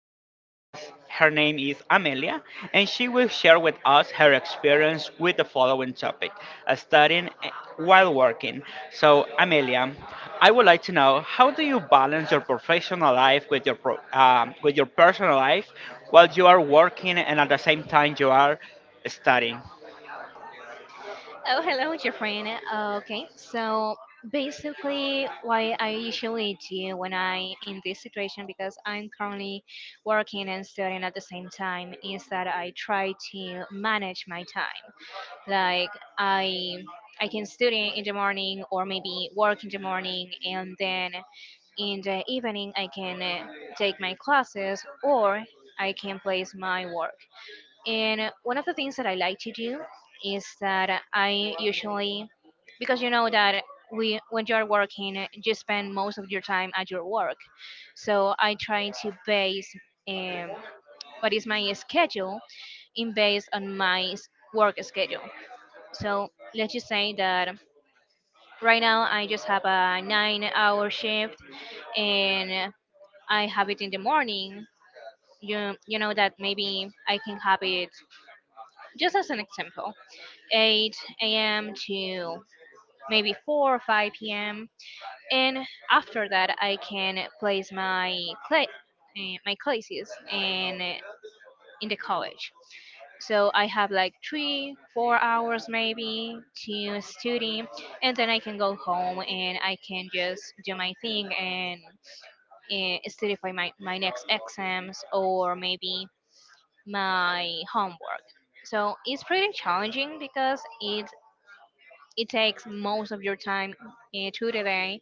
special guest. Her name is Amelia, and she will share with us her experience with the following topic, studying, while working. So, Amelia, I would like to know, how do you balance your professional life with your with your personal life while you are working and at the same time you are studying? Oh, hello, Jeffrey. Okay, so basically, why I usually do when I in this situation because I'm currently working and studying at the same time is that I try to manage my time. Like I, I can study in the morning or maybe work in the morning, and then in the evening I can take my classes or I can place my work. And one of the things that I like to do is that I usually, because you know that we, when you're working, you spend most of your time at your work. So I try to base um, what is my schedule in based on my work schedule. So let's just say that right now I just have a nine-hour shift, and I have it in the morning. You know that maybe I can have it just as an example. 8 a.m. to maybe 4 or 5 p.m. And after that, I can place my cla- my classes in the college. So I have like three, 4 hours maybe to study, and then I can go home and I can just do my thing and study for my next exams or maybe my homework. So it's pretty challenging because it takes most of your time to the day,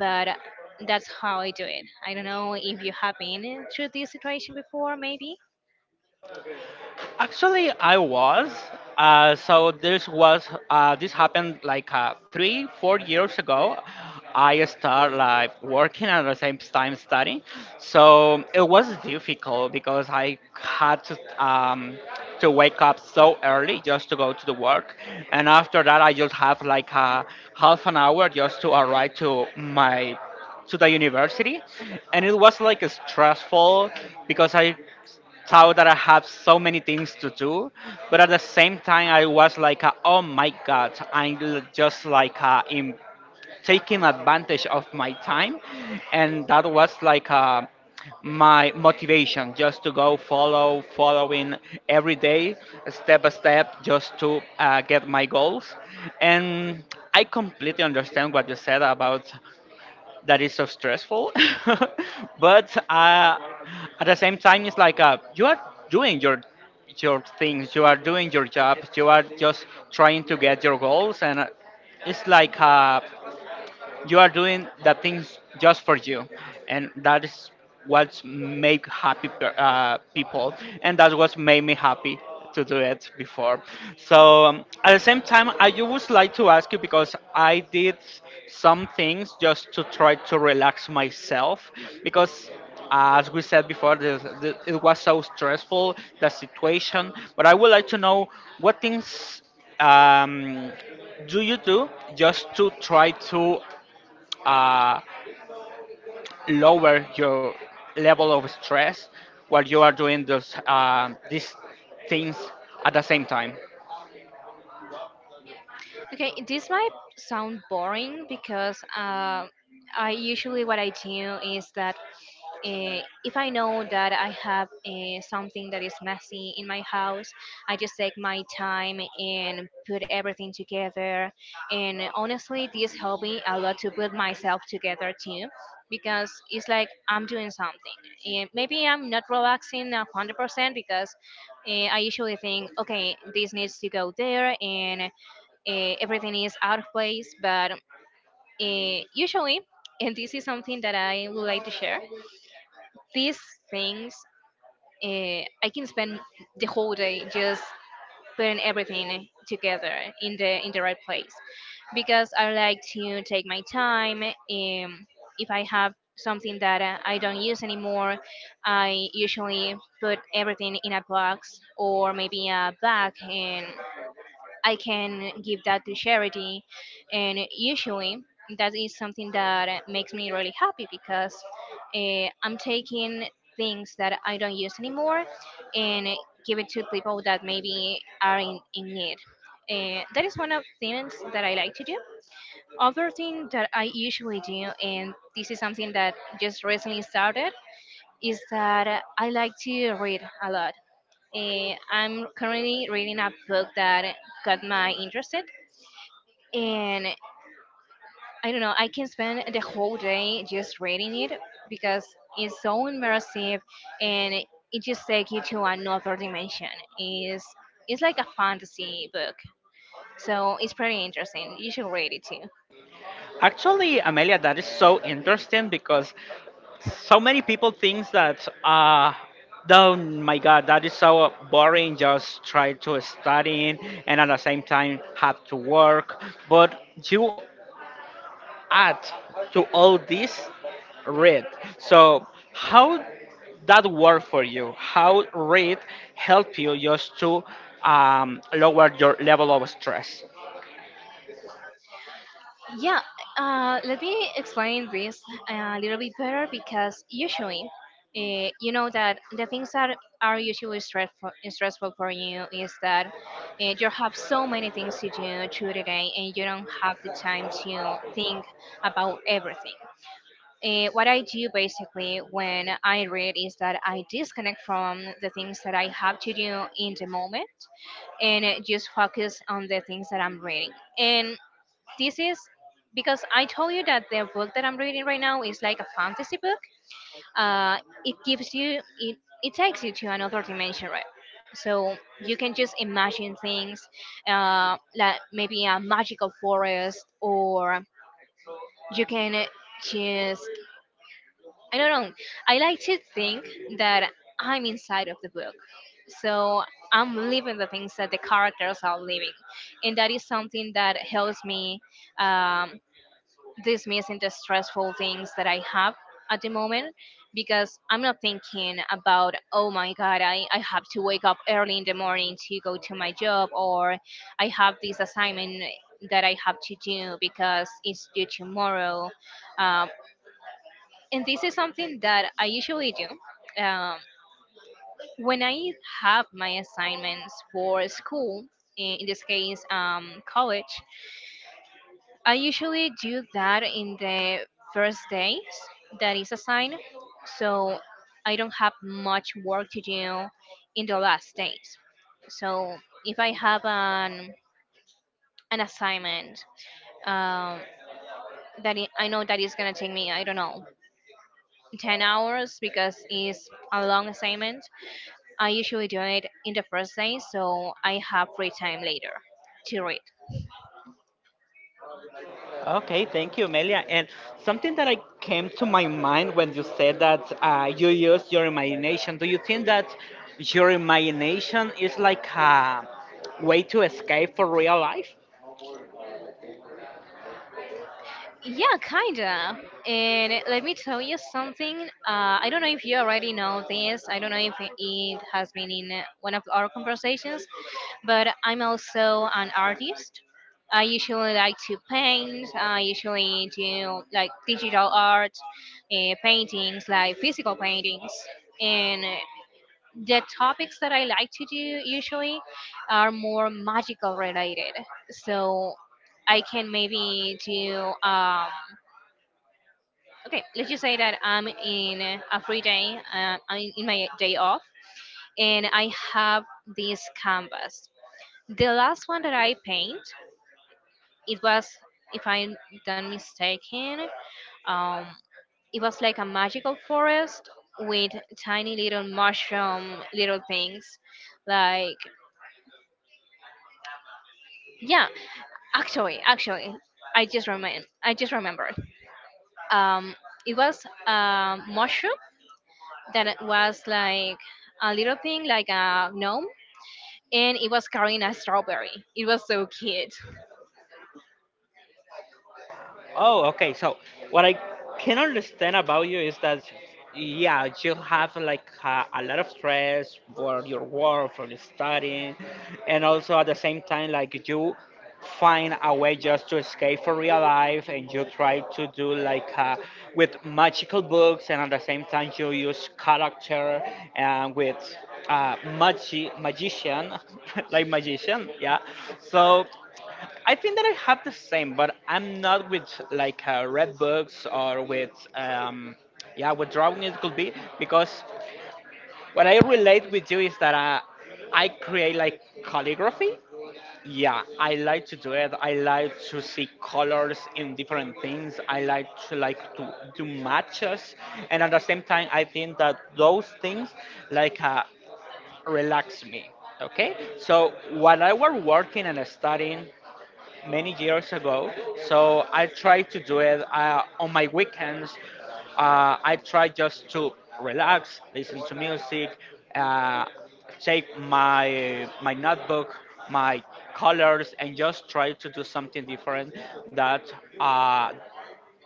but that's how I do it. I don't know if you have been through this situation before, maybe. Actually, I was. So this happened like three, 4 years ago. I start like working and at the same time studying, so it was difficult because I had um, to wake up so early just to go to the work, and after that I just have like a half an hour just to arrive to my to the university, and it was like stressful because I thought that I have so many things to do, but at the same time, I was like, oh my god, I'm l- just like in taking advantage of my time, and that was like my motivation just to go follow, following every day, step by step, just to get my goals, and. I completely understand what you said about that is so stressful but at the same time it's like you are doing your things, you are doing your job, you are just trying to get your goals, and it's like you are doing the things just for you, and that is what make happy people, and that's what made me happy to do it before. So at the same time I would like to ask you, because I did some things just to try to relax myself, because as we said before this, it was so stressful the situation, but I would like to know what things, um, do you do just to try to uh, lower your level of stress while you are doing those these things at the same time. Okay, this might sound boring because I usually what I do is that if I know that I have something that is messy in my house, I just take my time and put everything together. And honestly, this helped me a lot to put myself together too, because it's like I'm doing something. And maybe I'm not relaxing 100% because I usually think, okay, this needs to go there, and everything is out of place. But usually, and this is something that I would like to share, these things uh, I can spend the whole day just putting everything together in the right place because I like to take my time. If I have something that I don't use anymore, I usually put everything in a box or maybe a bag and I can give that to charity. And usually that is something that makes me really happy because I'm taking things that I don't use anymore and give it to people that maybe are in need. That is one of things that I like to do. Other thing that I usually do, and this is something that just recently started, is that I like to read a lot. I'm currently reading a book that got my interested, and I don't know, I can spend the whole day just reading it because it's so immersive and it just takes you to another dimension. It's, it's like a fantasy book, so it's pretty interesting. You should read it too. Actually, Amelia, that is so interesting because so many people think that uh oh my god, that is so boring, just try to study and at the same time have to work. But you add to all this read. So how that work for you? How read help you just to lower your level of stress? Yeah, let me explain this a little bit better because usually, you know that the things that are usually stressful for you is that you have so many things to do through the day and you don't have the time to think about everything. What I do basically when I read is that I disconnect from the things that I have to do in the moment and just focus on the things that I'm reading. And this is because I told you that the book that I'm reading right now is like a fantasy book. Uh, it gives it takes you to another dimension, right? So you can just imagine things, like maybe a magical forest, or you can just I don't know. I like to think that I'm inside of the book. So I'm living the things that the characters are living, and that is something that helps me. Um, Dismissing the stressful things that I have at the moment because I'm not thinking about, oh my God, I have to wake up early in the morning to go to my job or I have this assignment that I have to do because it's due tomorrow. Um, and this is something that I usually do. When I have my assignments for school, in this case, college, I usually do that in the first days that is assigned, so I don't have much work to do in the last days. So if I have an assignment um, that I know that is gonna take me, I don't know, 10 hours because it's a long assignment. I usually do it in the first day, so I have free time later to read. Okay, thank you, Melia. And something that I came to my mind when you said that you use your imagination. Do you think that your imagination is like a way to escape for real life? Yeah, kinda. And let me tell you something. I don't know if you already know this. I don't know if it has been in one of our conversations, but I'm also an artist. I usually like to paint. I usually do like digital art, paintings, like physical paintings. And the topics that I like to do usually are more magical related. So I can maybe do okay let's just say that I'm in a free day I'm in my day off and I have this canvas, the last one that I paint. It was, if I'm not mistaken, um, it was like a magical forest with tiny little mushroom little things like yeah. Actually, I just remembered, um, it was a mushroom that it was like a little thing, like a gnome, and it was carrying a strawberry. It was so cute. Oh, okay. So what I can understand about you is that yeah, you have like a lot of stress for your work, for your studying, and also at the same time like you find a way just to escape from real life, and you try to do like with magical books, and at the same time you use character and with magician like magician, yeah. So I think that I have the same, but I'm not with like red books or with yeah, with drawing it could be, because what I relate with you is that I create like calligraphy. Yeah, I like to do it. I like to see colors in different things. I like to do matches, and at the same time, I think that those things like relax me. Okay, so while I was working and studying, many years ago. So I try to do it on my weekends. I try just to relax, listen to music, uh, take my notebook, my colors, and just try to do something different that uh,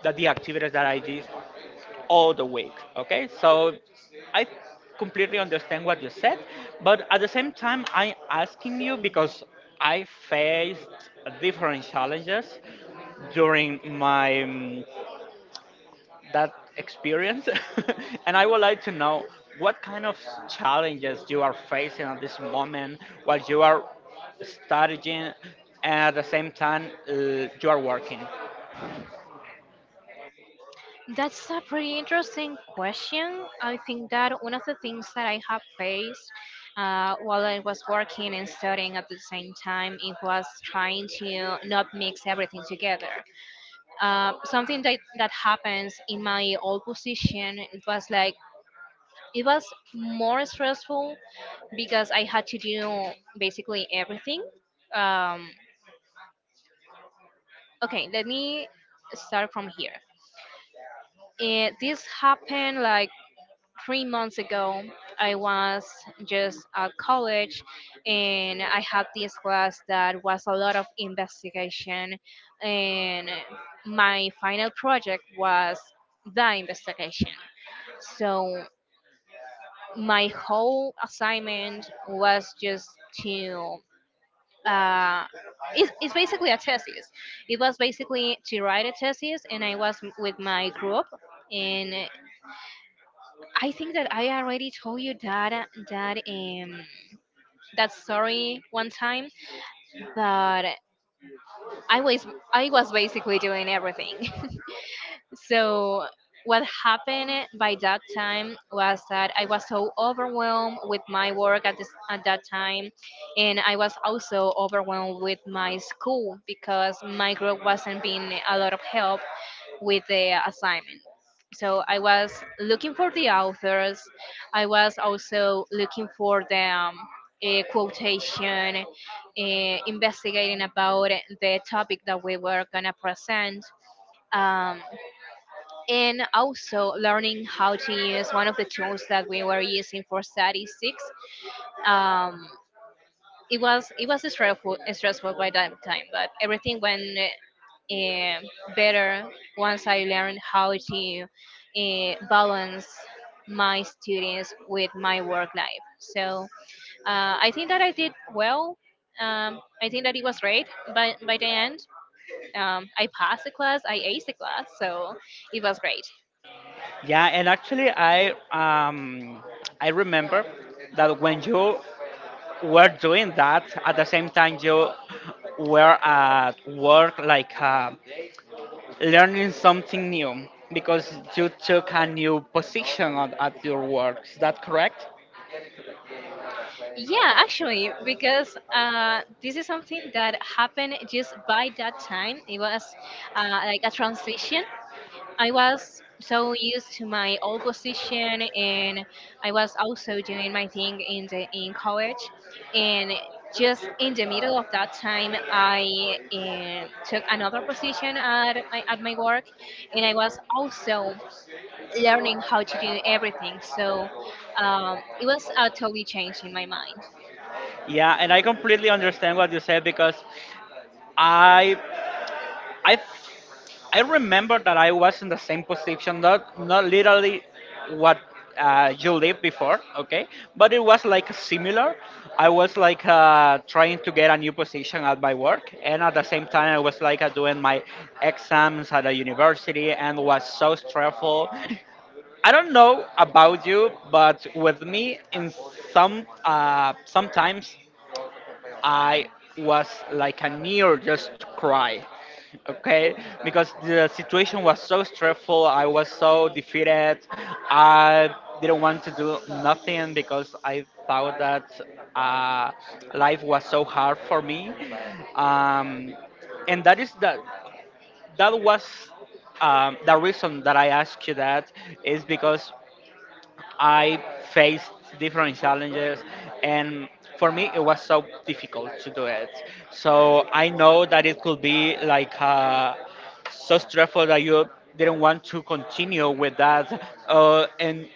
that the activities that I did all the week. Okay, so I completely understand what you said, but at the same time, I'm asking you because I faced different challenges during my that experience, and I would like to know what kind of challenges you are facing at this moment while you are studying, and at the same time you are working. That's a pretty interesting question. I think that one of the things that I have faced while I was working and studying at the same time, it was trying to not mix everything together. Something that happens in my old position, it was like, it was more stressful because I had to do basically everything. Um, okay, let me start from here. It, this happened like 3 months ago. I was just at college and I had this class that was a lot of investigation, and my final project was the investigation. So my whole assignment was just to uh, it's basically a thesis. It was basically to write a thesis, and I was with my group. And I think that I already told you that that um that story one time, but I was I was basically doing everything. So what happened by that time was that I was so overwhelmed with my work at this at that time, and I was also overwhelmed with my school because my group wasn't being a lot of help with the assignment. So I was looking for the authors. I was also looking for the quotation, investigating about the topic that we were gonna present. Um, and also learning how to use one of the tools that we were using for statistics. Um, it was stressful by that time, but everything went uh, better once I learned how to balance my students with my work life. So I think that I did well. I think that it was great, but by the end, I passed the class, I aced the class, so it was great. Yeah, and actually, I remember that when you were doing that, at the same time you were at work, like learning something new, because you took a new position at your work. Is that correct? Yeah, actually, because this is something that happened just by that time. It was like a transition. I was so used to my old position, and I was also doing my thing in the in college. And just in the middle of that time, I took another position at my work, and I was also learning how to do everything. So it was a totally change in my mind. Yeah, and I completely understand what you said because I I I remember that I was in the same position, not not literally what you lived before, okay, but it was like similar. I was like trying to get a new position at my work, and at the same time I was like doing my exams at the university, and was so stressful. I don't know about you, but with me, in some sometimes I was like a near just to cry. Okay, because the situation was so stressful, I was so defeated. I didn't want to do nothing because I thought that uh, life was so hard for me. Um, and that was the reason that I asked you that is because I faced different challenges, and for me, it was so difficult to do it. So I know that it could be like so stressful that you didn't want to continue with that. And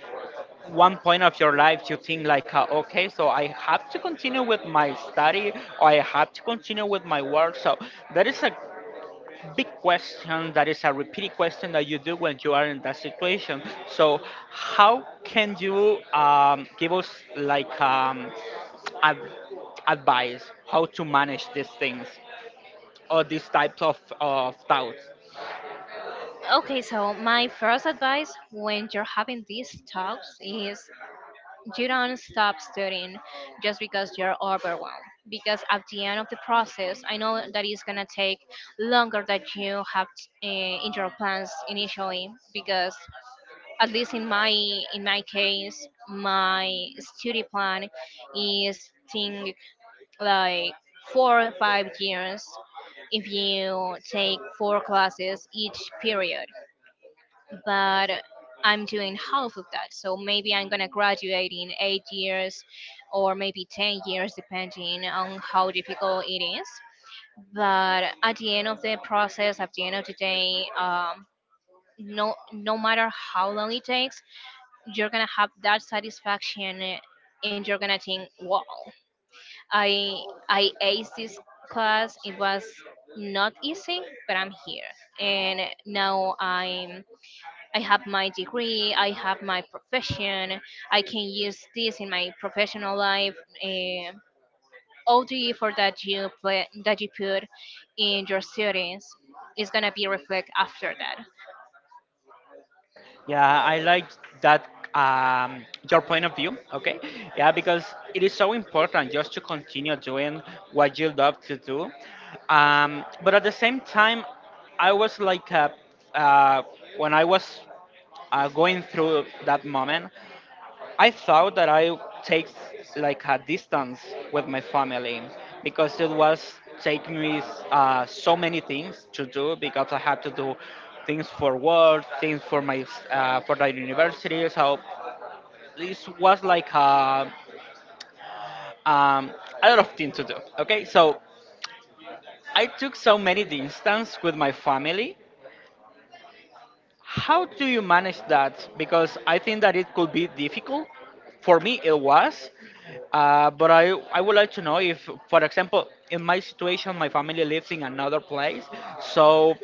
one point of your life, you think like, okay, so I have to continue with my study, or I have to continue with my work. So that is a big question, that is a repeated question that you do when you are in that situation. So, how can you give us like ad- advice how to manage these things or these types of doubts? Okay, so my first advice when you're having these talks is you don't stop studying just because you're overwhelmed. Because at the end of the process, I know that it's gonna take longer than you have uh, in your plans initially. Because at least in my case, my study plan is think like 4 or 5 years if you take four classes each period, but I'm doing half of that. So maybe I'm gonna graduate in 8 years or maybe 10 years, depending on how difficult it is. But at the end of the process, at the end of the day, no, no matter how long it takes, you're gonna have that satisfaction and you're gonna think, wow, I, I aced this class. It was not easy, but I'm here. And now I'm I have my degree, I have my profession, I can use this in my professional life. eh, all the effort that you play, that you put in your students is gonna be reflect after that. Yeah, I like that um, your point of view. Okay, yeah, because it is so important just to continue doing what you love to do. But at the same time, I was like, uh, when I was going through that moment, I thought that I take like a distance with my family because it was taking me so many things to do because I had to do things for work, things for my for the university. So this was like um, a lot of things to do. Okay, so I took so many distance with my family. How do you manage that? Because I think that it could be difficult. For me, it was. I would like to know if, for example, in my situation, my family lives in another place. So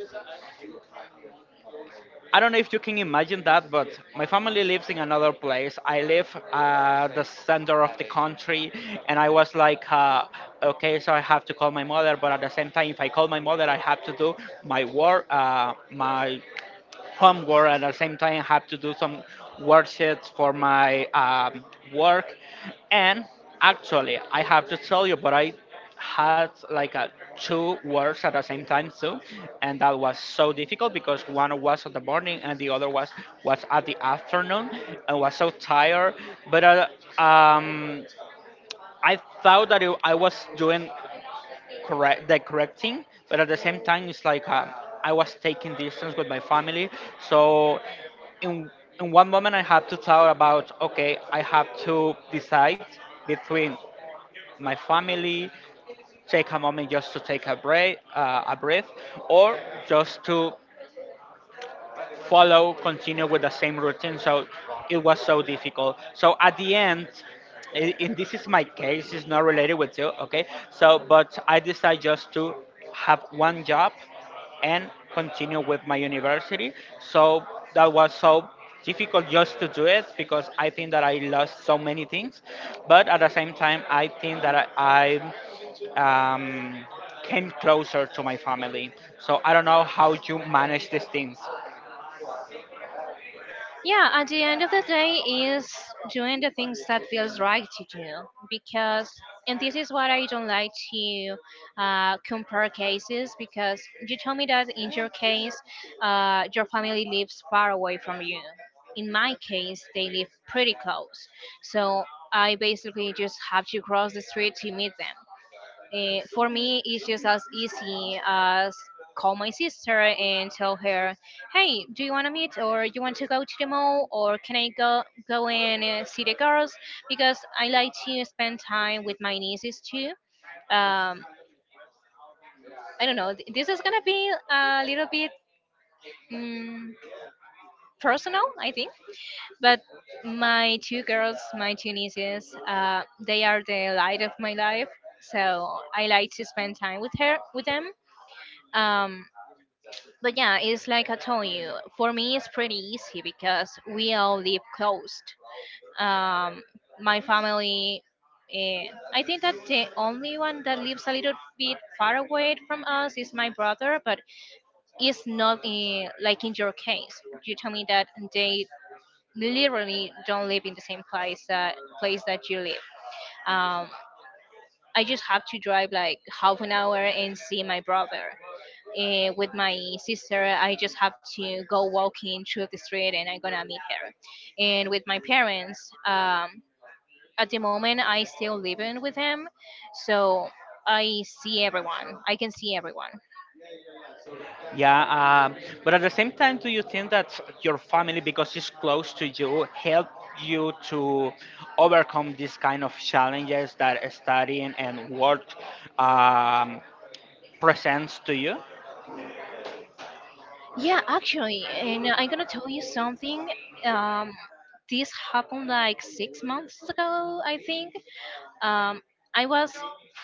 I don't know if you can imagine that, but my family lives in another place. I live at the center of the country, and I was like, okay, so I have to call my mother, but at the same time, if I call my mother, I have to do my work, my homework, and at the same time have to do some worksheets for my work, and actually I have to tell you but I had like a two works at the same time too, and that was so difficult because one was in the morning and the other was at the afternoon. I was so tired, but um, I thought that I was doing correct, that correcting, but at the same time it's like I was taking distance with my family. So in in one moment I have to thought about, okay, I have to decide between my family, take a moment just to take a break, a breath, or just to follow, continue with the same routine. So it was so difficult. So at the end, in this is my case, it's not related with you, okay? So, but I decided just to have one job and continue with my university. So that was so difficult just to do it because I think that I lost so many things. But at the same time, I think that I um, came closer to my family. So I don't know how you manage these things. Yeah, at the end of the day, is doing the things that feels right to do because— and this is what I don't like to compare cases because you told me that in your case, your family lives far away from you. In my case, they live pretty close, so I basically just have to cross the street to meet them. Eh, for me, it's just as easy as call my sister and tell her, "Hey, do you want to meet, or you want to go to the mall, or can I go and see the girls?" Because I like to spend time with my nieces too. Um, I don't know. This is gonna be a little bit mm personal, I think. But my two girls, my two nieces, they are the light of my life. So I like to spend time with her, with them. Um, But yeah, it's like I told you, for me it's pretty easy because we all live close. Um, my family, eh, I think that the only one that lives a little bit far away from us is my brother, but it's not like in your case. You tell me that they literally don't live in the same place that you live. Um, I just have to drive like half an hour and see my brother. With my sister, I just have to go walking through the street and I'm gonna meet her. And with my parents, at the moment, I still living with them, so I see everyone. I can see everyone. Yeah, um, but at the same time, do you think that your family, because it's close to you, help you to overcome these kind of challenges that studying and work um, presents to you? Yeah, actually, and I'm gonna tell you something. Um, this happened like 6 months ago, I think. um, I was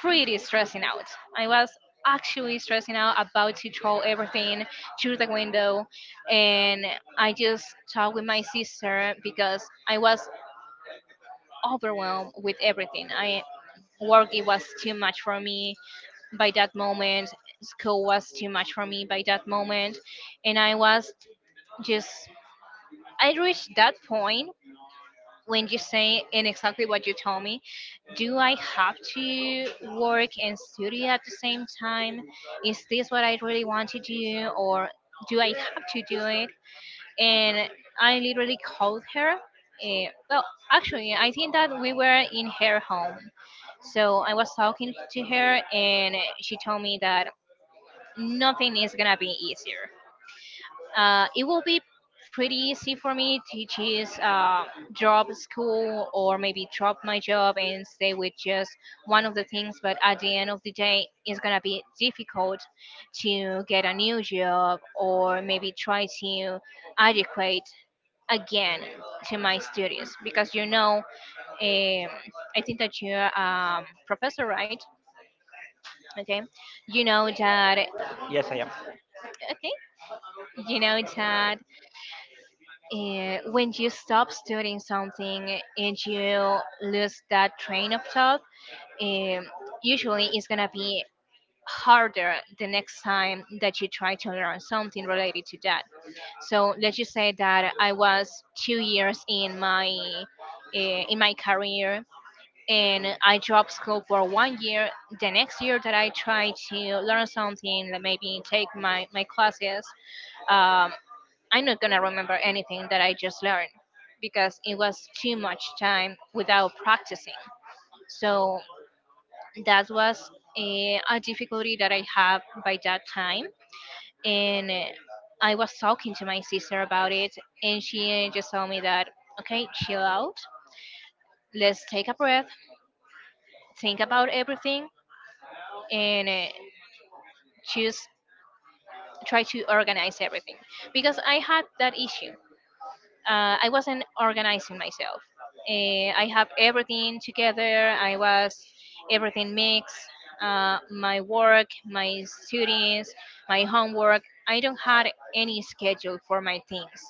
pretty stressing out. I was actually stressing out about to throw everything through the window, and I just talked with my sister because I was overwhelmed with everything. I work— it was too much for me by that moment. School was too much for me by that moment, and I was just— I reached that point when you say— and exactly what you told me, do I have to work and study at the same time? Is this what I really want to do, or do I have to do it? And I literally called her. Well, actually, I think that we were in her home, so I was talking to her, and she told me that nothing is gonna be easier. It will be pretty easy for me to just drop school or maybe drop my job and stay with just one of the things. But at the end of the day, it's gonna be difficult to get a new job or maybe try to adequate again to my studies because you know, um, I think that you're professor, right? Okay, you know that. Yes, I am. Okay, you know that when you stop studying something and you lose that train of thought, um, usually it's gonna be harder the next time that you try to learn something related to that. So let's just say that I was 2 years in my career, and I dropped school for 1 year. The next year that I try to learn something, like maybe take my classes, um, I'm not gonna remember anything that I just learned because it was too much time without practicing. So that was a difficulty that I had by that time. And I was talking to my sister about it, and she just told me that, okay, chill out, let's take a breath, think about everything, and choose— try to organize everything because I had that issue. I wasn't organizing myself. I have everything together. I was everything mixed. My work, my students, my homework. I don't had any schedule for my things,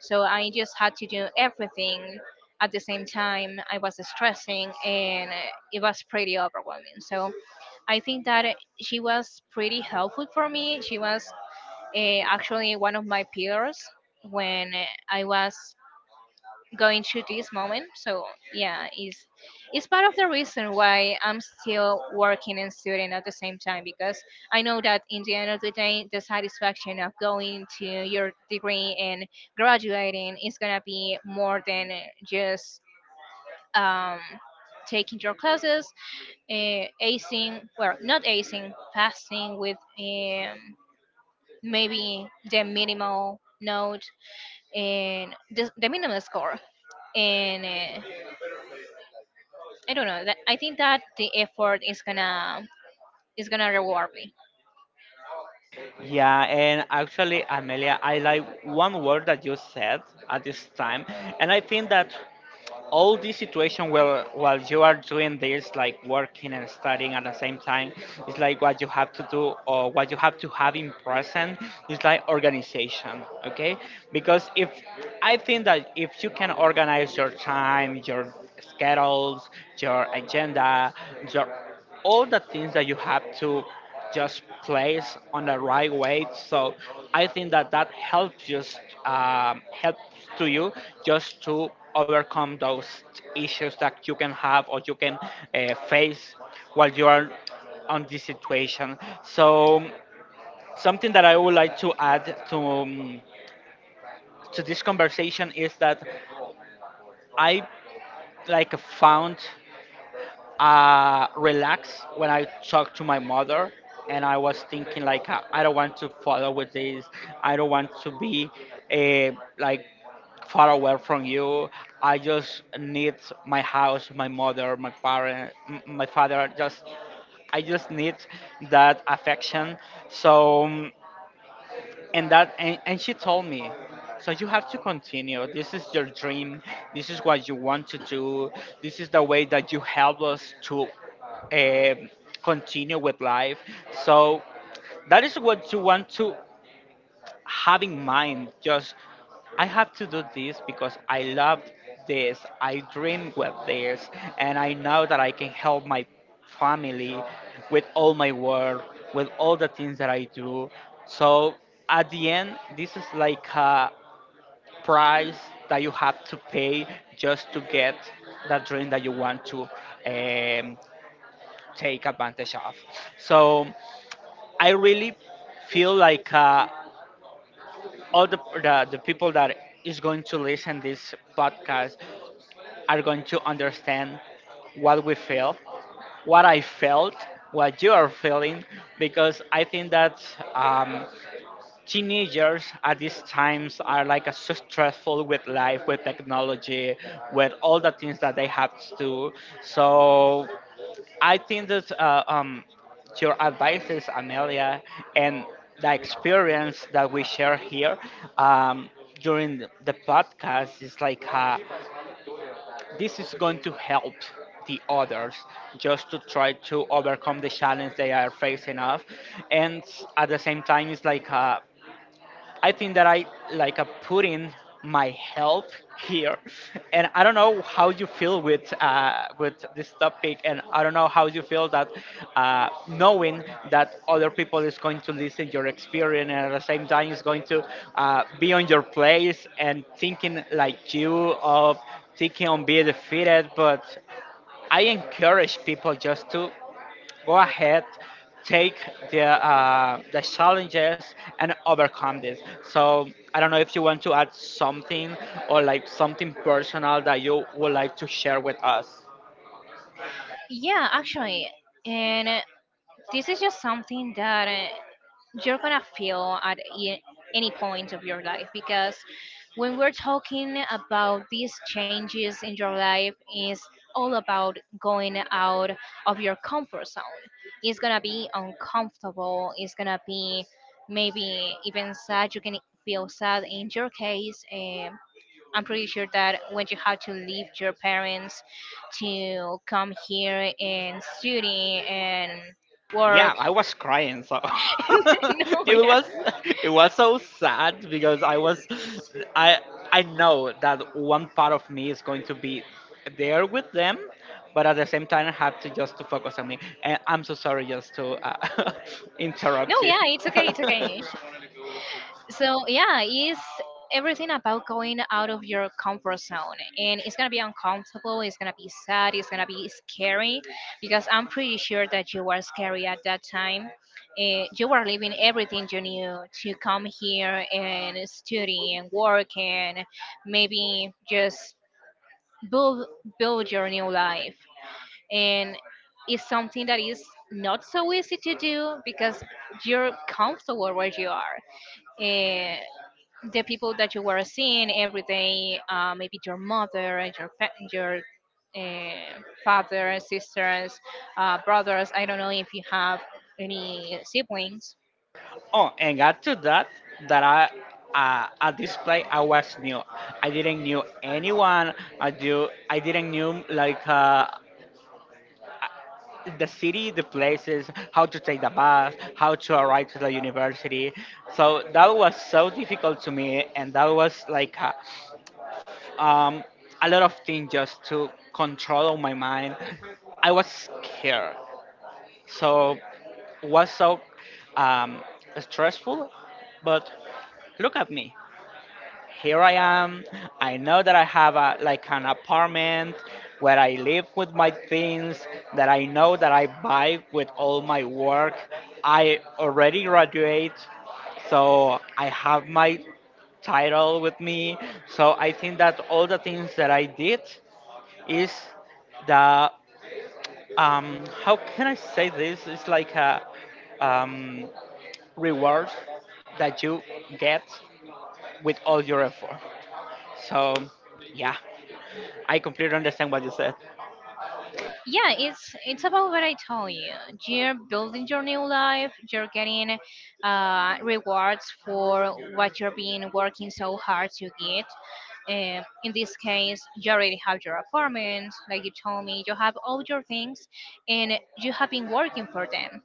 so I just had to do everything at the same time. I was stressing, and it was pretty overwhelming. So I think that she was pretty helpful for me. She was actually one of my peers when I was going to this moment. So yeah, is— it's part of the reason why I'm still working and student at the same time, because I know that in the end of the day, the satisfaction of going to your degree and graduating is gonna be more than just um, taking your classes, acing, well, not acing, passing with maybe the minimal note and the minimal score, and I don't know. That— I think that the effort is gonna reward me. Yeah, and actually, Amelia, I like one word that you said at this time, and I think that all this situation where while you are doing this, like working and studying at the same time, is like what you have to do or what you have to have in present is like organization, okay? Because if I think that if you can organize your time, your schedules, your agenda, your all the things that you have to just place on the right way. So I think that that helps just helps to you just to overcome those issues that you can have or you can face while you are on this situation. So something that I would like to add to this conversation is that I like found relaxed when I talked to my mother, and I was thinking like I don't want to follow with this. I don't want to be eh, like far away from you. I just need my house, my mother, my parent, my father. Just I just need that affection. So. mm, and she told me, so you have to continue, this is your dream, this is what you want to do, this is the way that you help us to um continue with life. So that is what you want to having mind. Just I have to do this because I love this. I dream with this, and I know that I can help my family with all my work, with all the things that I do. So at the end, this is like a price that you have to pay just to get that dream that you want to um, take advantage of. So I really feel like all the people that is going to listen this podcast are going to understand what we feel, what I felt, what you are feeling, because I think that um, teenagers at these times are like so stressful with life, with technology, with all the things that they have to do. So I think that your advices, Amelia, and the experience that we share here, um, during the podcast is like this is going to help the others just to try to overcome the challenge they are facing off. And at the same time it's like I think that I like put in my help here, and I don't know how you feel with this topic, and I don't know how you feel that knowing that other people is going to listen your experience, and at the same time is going to be on your place and thinking like you of thinking on being defeated. But I encourage people just to go ahead, take the challenges and overcome this. So I don't know if you want to add something or like something personal that you would like to share with us. Yeah, actually, and this is just something that you're gonna feel at any point of your life, because when we're talking about these changes in your life, is all about going out of your comfort zone. It's gonna be uncomfortable. It's gonna be maybe even sad. You can feel sad in your case. I'm pretty sure that when you have to leave your parents to come here and study and work, Yeah, I was crying. So no, it yeah, was it was so sad because I was I know that one part of me is going to be there with them, but at the same time I have to just to focus on me. And I'm so sorry just to no, interrupt you. yeah, it's okay, it's okay. So yeah, it's everything about going out of your comfort zone, and it's gonna be uncomfortable. It's gonna be sad. It's gonna be scary, because I'm pretty sure that you were scary at that time. Eh, you were leaving everything you knew to come here and study and work and maybe just build build your new life, and it's something that is not so easy to do because you're comfortable where you are, and the people that you were seeing every day, maybe your mother and your your father, sisters, brothers. I don't know if you have any siblings. Oh, and add to that that I. At this play, I was new. I didn't knew anyone. I do. I didn't knew like the city, the places, how to take the bus, how to arrive to the university. So that was so difficult to me, and that was like um, a lot of things just to control my mind. I was scared, so was so um, stressful. But look at me, here I am. I know that I have a, like an apartment where I live with my things that I know that I buy with all my work. I already graduate, so I have my title with me. So I think that all the things that I did is the how can I say this? It's like a um, reward that you get with all your effort. So, yeah, I completely understand what you said. Yeah, it's— it's about what I told you. You're building your new life, you're getting rewards for what you're being working so hard to get. In this case, you already have your apartment, like you told me, you have all your things, and you have been working for them.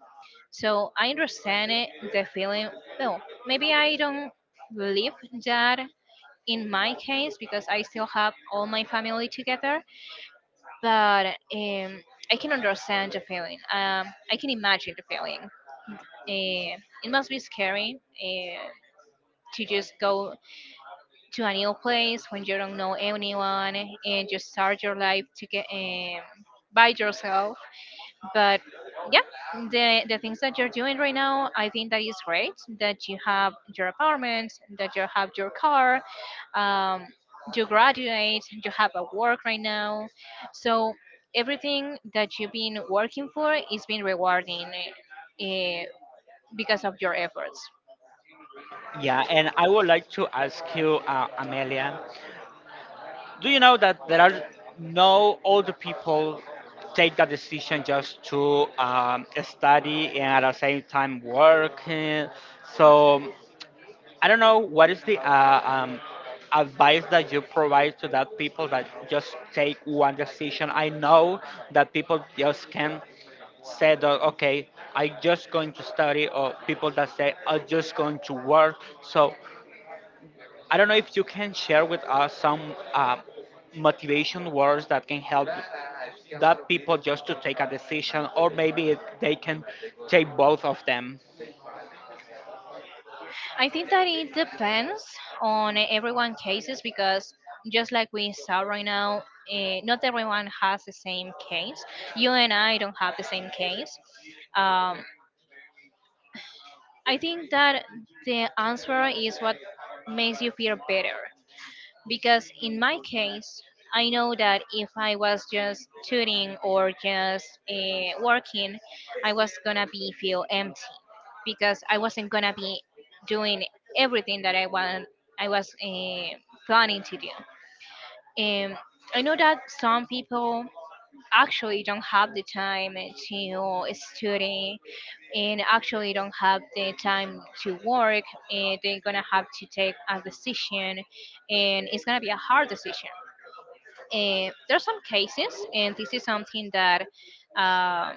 So I understand it, the feeling. Well, maybe I don't live that in my case, because I still have all my family together, but um, I can understand the feeling. I can imagine the feeling. Uh, it must be scary to just go to a new place when you don't know anyone and just start your life to get by yourself. But yeah, the— the things that you're doing right now, I think that is great. That you have your apartment, that you have your car, um, you graduate, you have a work right now, so everything that you've been working for is being rewarding uh, because of your efforts. Yeah, and I would like to ask you, Amelia, do you know that there are no older people take that decision just to study and at the same time work? So, I don't know what is the advice that you provide to that people that just take one decision. I know that people just can say that okay, I just going to study, or people that say I'm just going to work. So I don't know if you can share with us some uh, motivation words that can help that people just to take a decision, or maybe they can take both of them. I think that it depends on everyone cases because just like we saw right now, eh, not everyone has the same case. You and I don't have the same case. Um, I think that the answer is what makes you feel better, because in my case, I know that if I was just tutoring or just working, I was gonna be feel empty, because I wasn't gonna be doing everything that I want— I was planning to do. Um, I know that some people actually don't have the time to study, and actually don't have the time to work, and they're gonna have to take a decision, and it's gonna be a hard decision. And there are some cases— and this is something that um,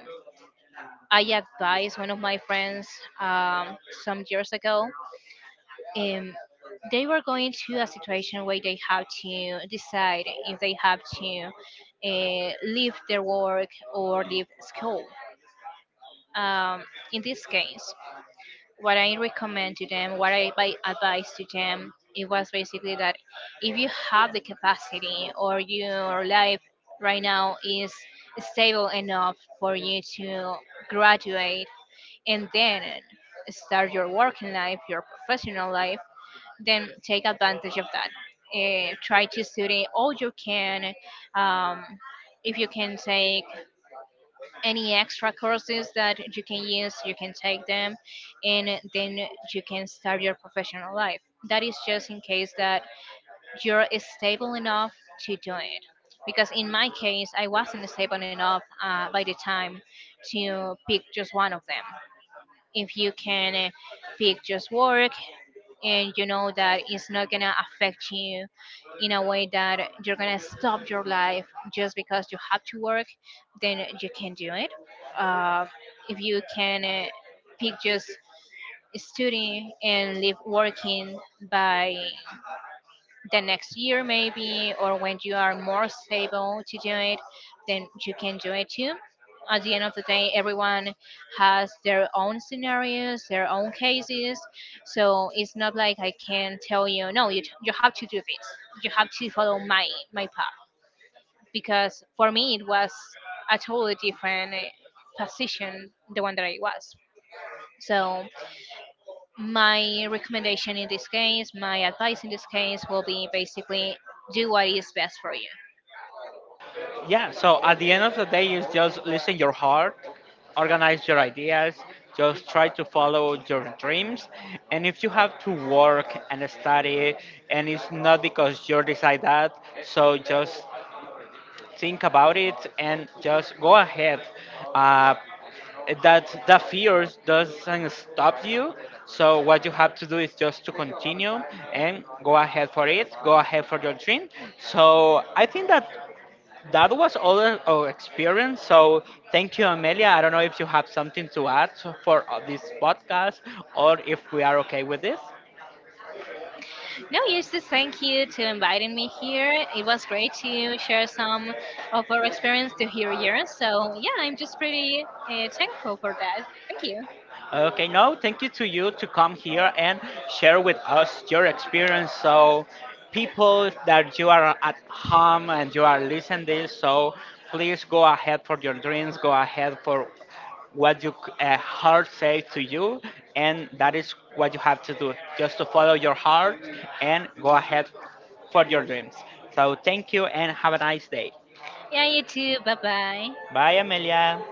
I advised one of my friends um, some years ago. um, they were going to a situation where they have to decide if they have to leave their work or leave school. Um, in this case, what I recommend to them, what I by advise to them, it was basically that if you have the capacity, or your life right now is stable enough for you to graduate and then start your working life, your professional life, then take advantage of that. Eh, try to study all you can. Um, if you can take any extra courses that you can use, you can take them, and then you can start your professional life. That is just in case that you're stable enough to do it. Because in my case, I wasn't stable enough by the time to pick just one of them. If you can pick just work and you know that it's not gonna affect you in a way that you're gonna stop your life just because you have to work, then you can do it. uh, if you can pick just studying and live working by the next year maybe, or when you are more stable to do it, then you can do it too. At the end of the day, everyone has their own scenarios, their own cases. So it's not like I can tell you, no, you have to do this, you have to follow my path, because for me it was a totally different position, the one that I was. So my recommendation in this case, my advice in this case will be basically do what is best for you. Yeah, so at the end of the day is just listen your heart, organize your ideas, just try to follow your dreams. And if you have to work and study and it's not because you decide that, so just think about it and just go ahead. Uh, that the fears doesn't stop you, so what you have to do is just to continue and go ahead for it, go ahead for your dream. So I think that that was all our experience. So thank you, Amelia. I don't know if you have something to add for this podcast or if we are okay with this. No, yes, just thank you to inviting me here. It was great to share some of our experience, to hear yours. So yeah, I'm just pretty thankful for that. Thank you. Okay, no, thank you to you to come here and share with us your experience. So, people that you are at home and you are listening this, so please go ahead for your dreams, go ahead for what your heart says to you, and that is what you have to do. Just to follow your heart and go ahead for your dreams. So, thank you and have a nice day. Yeah, you too. Bye bye. Bye, Amelia.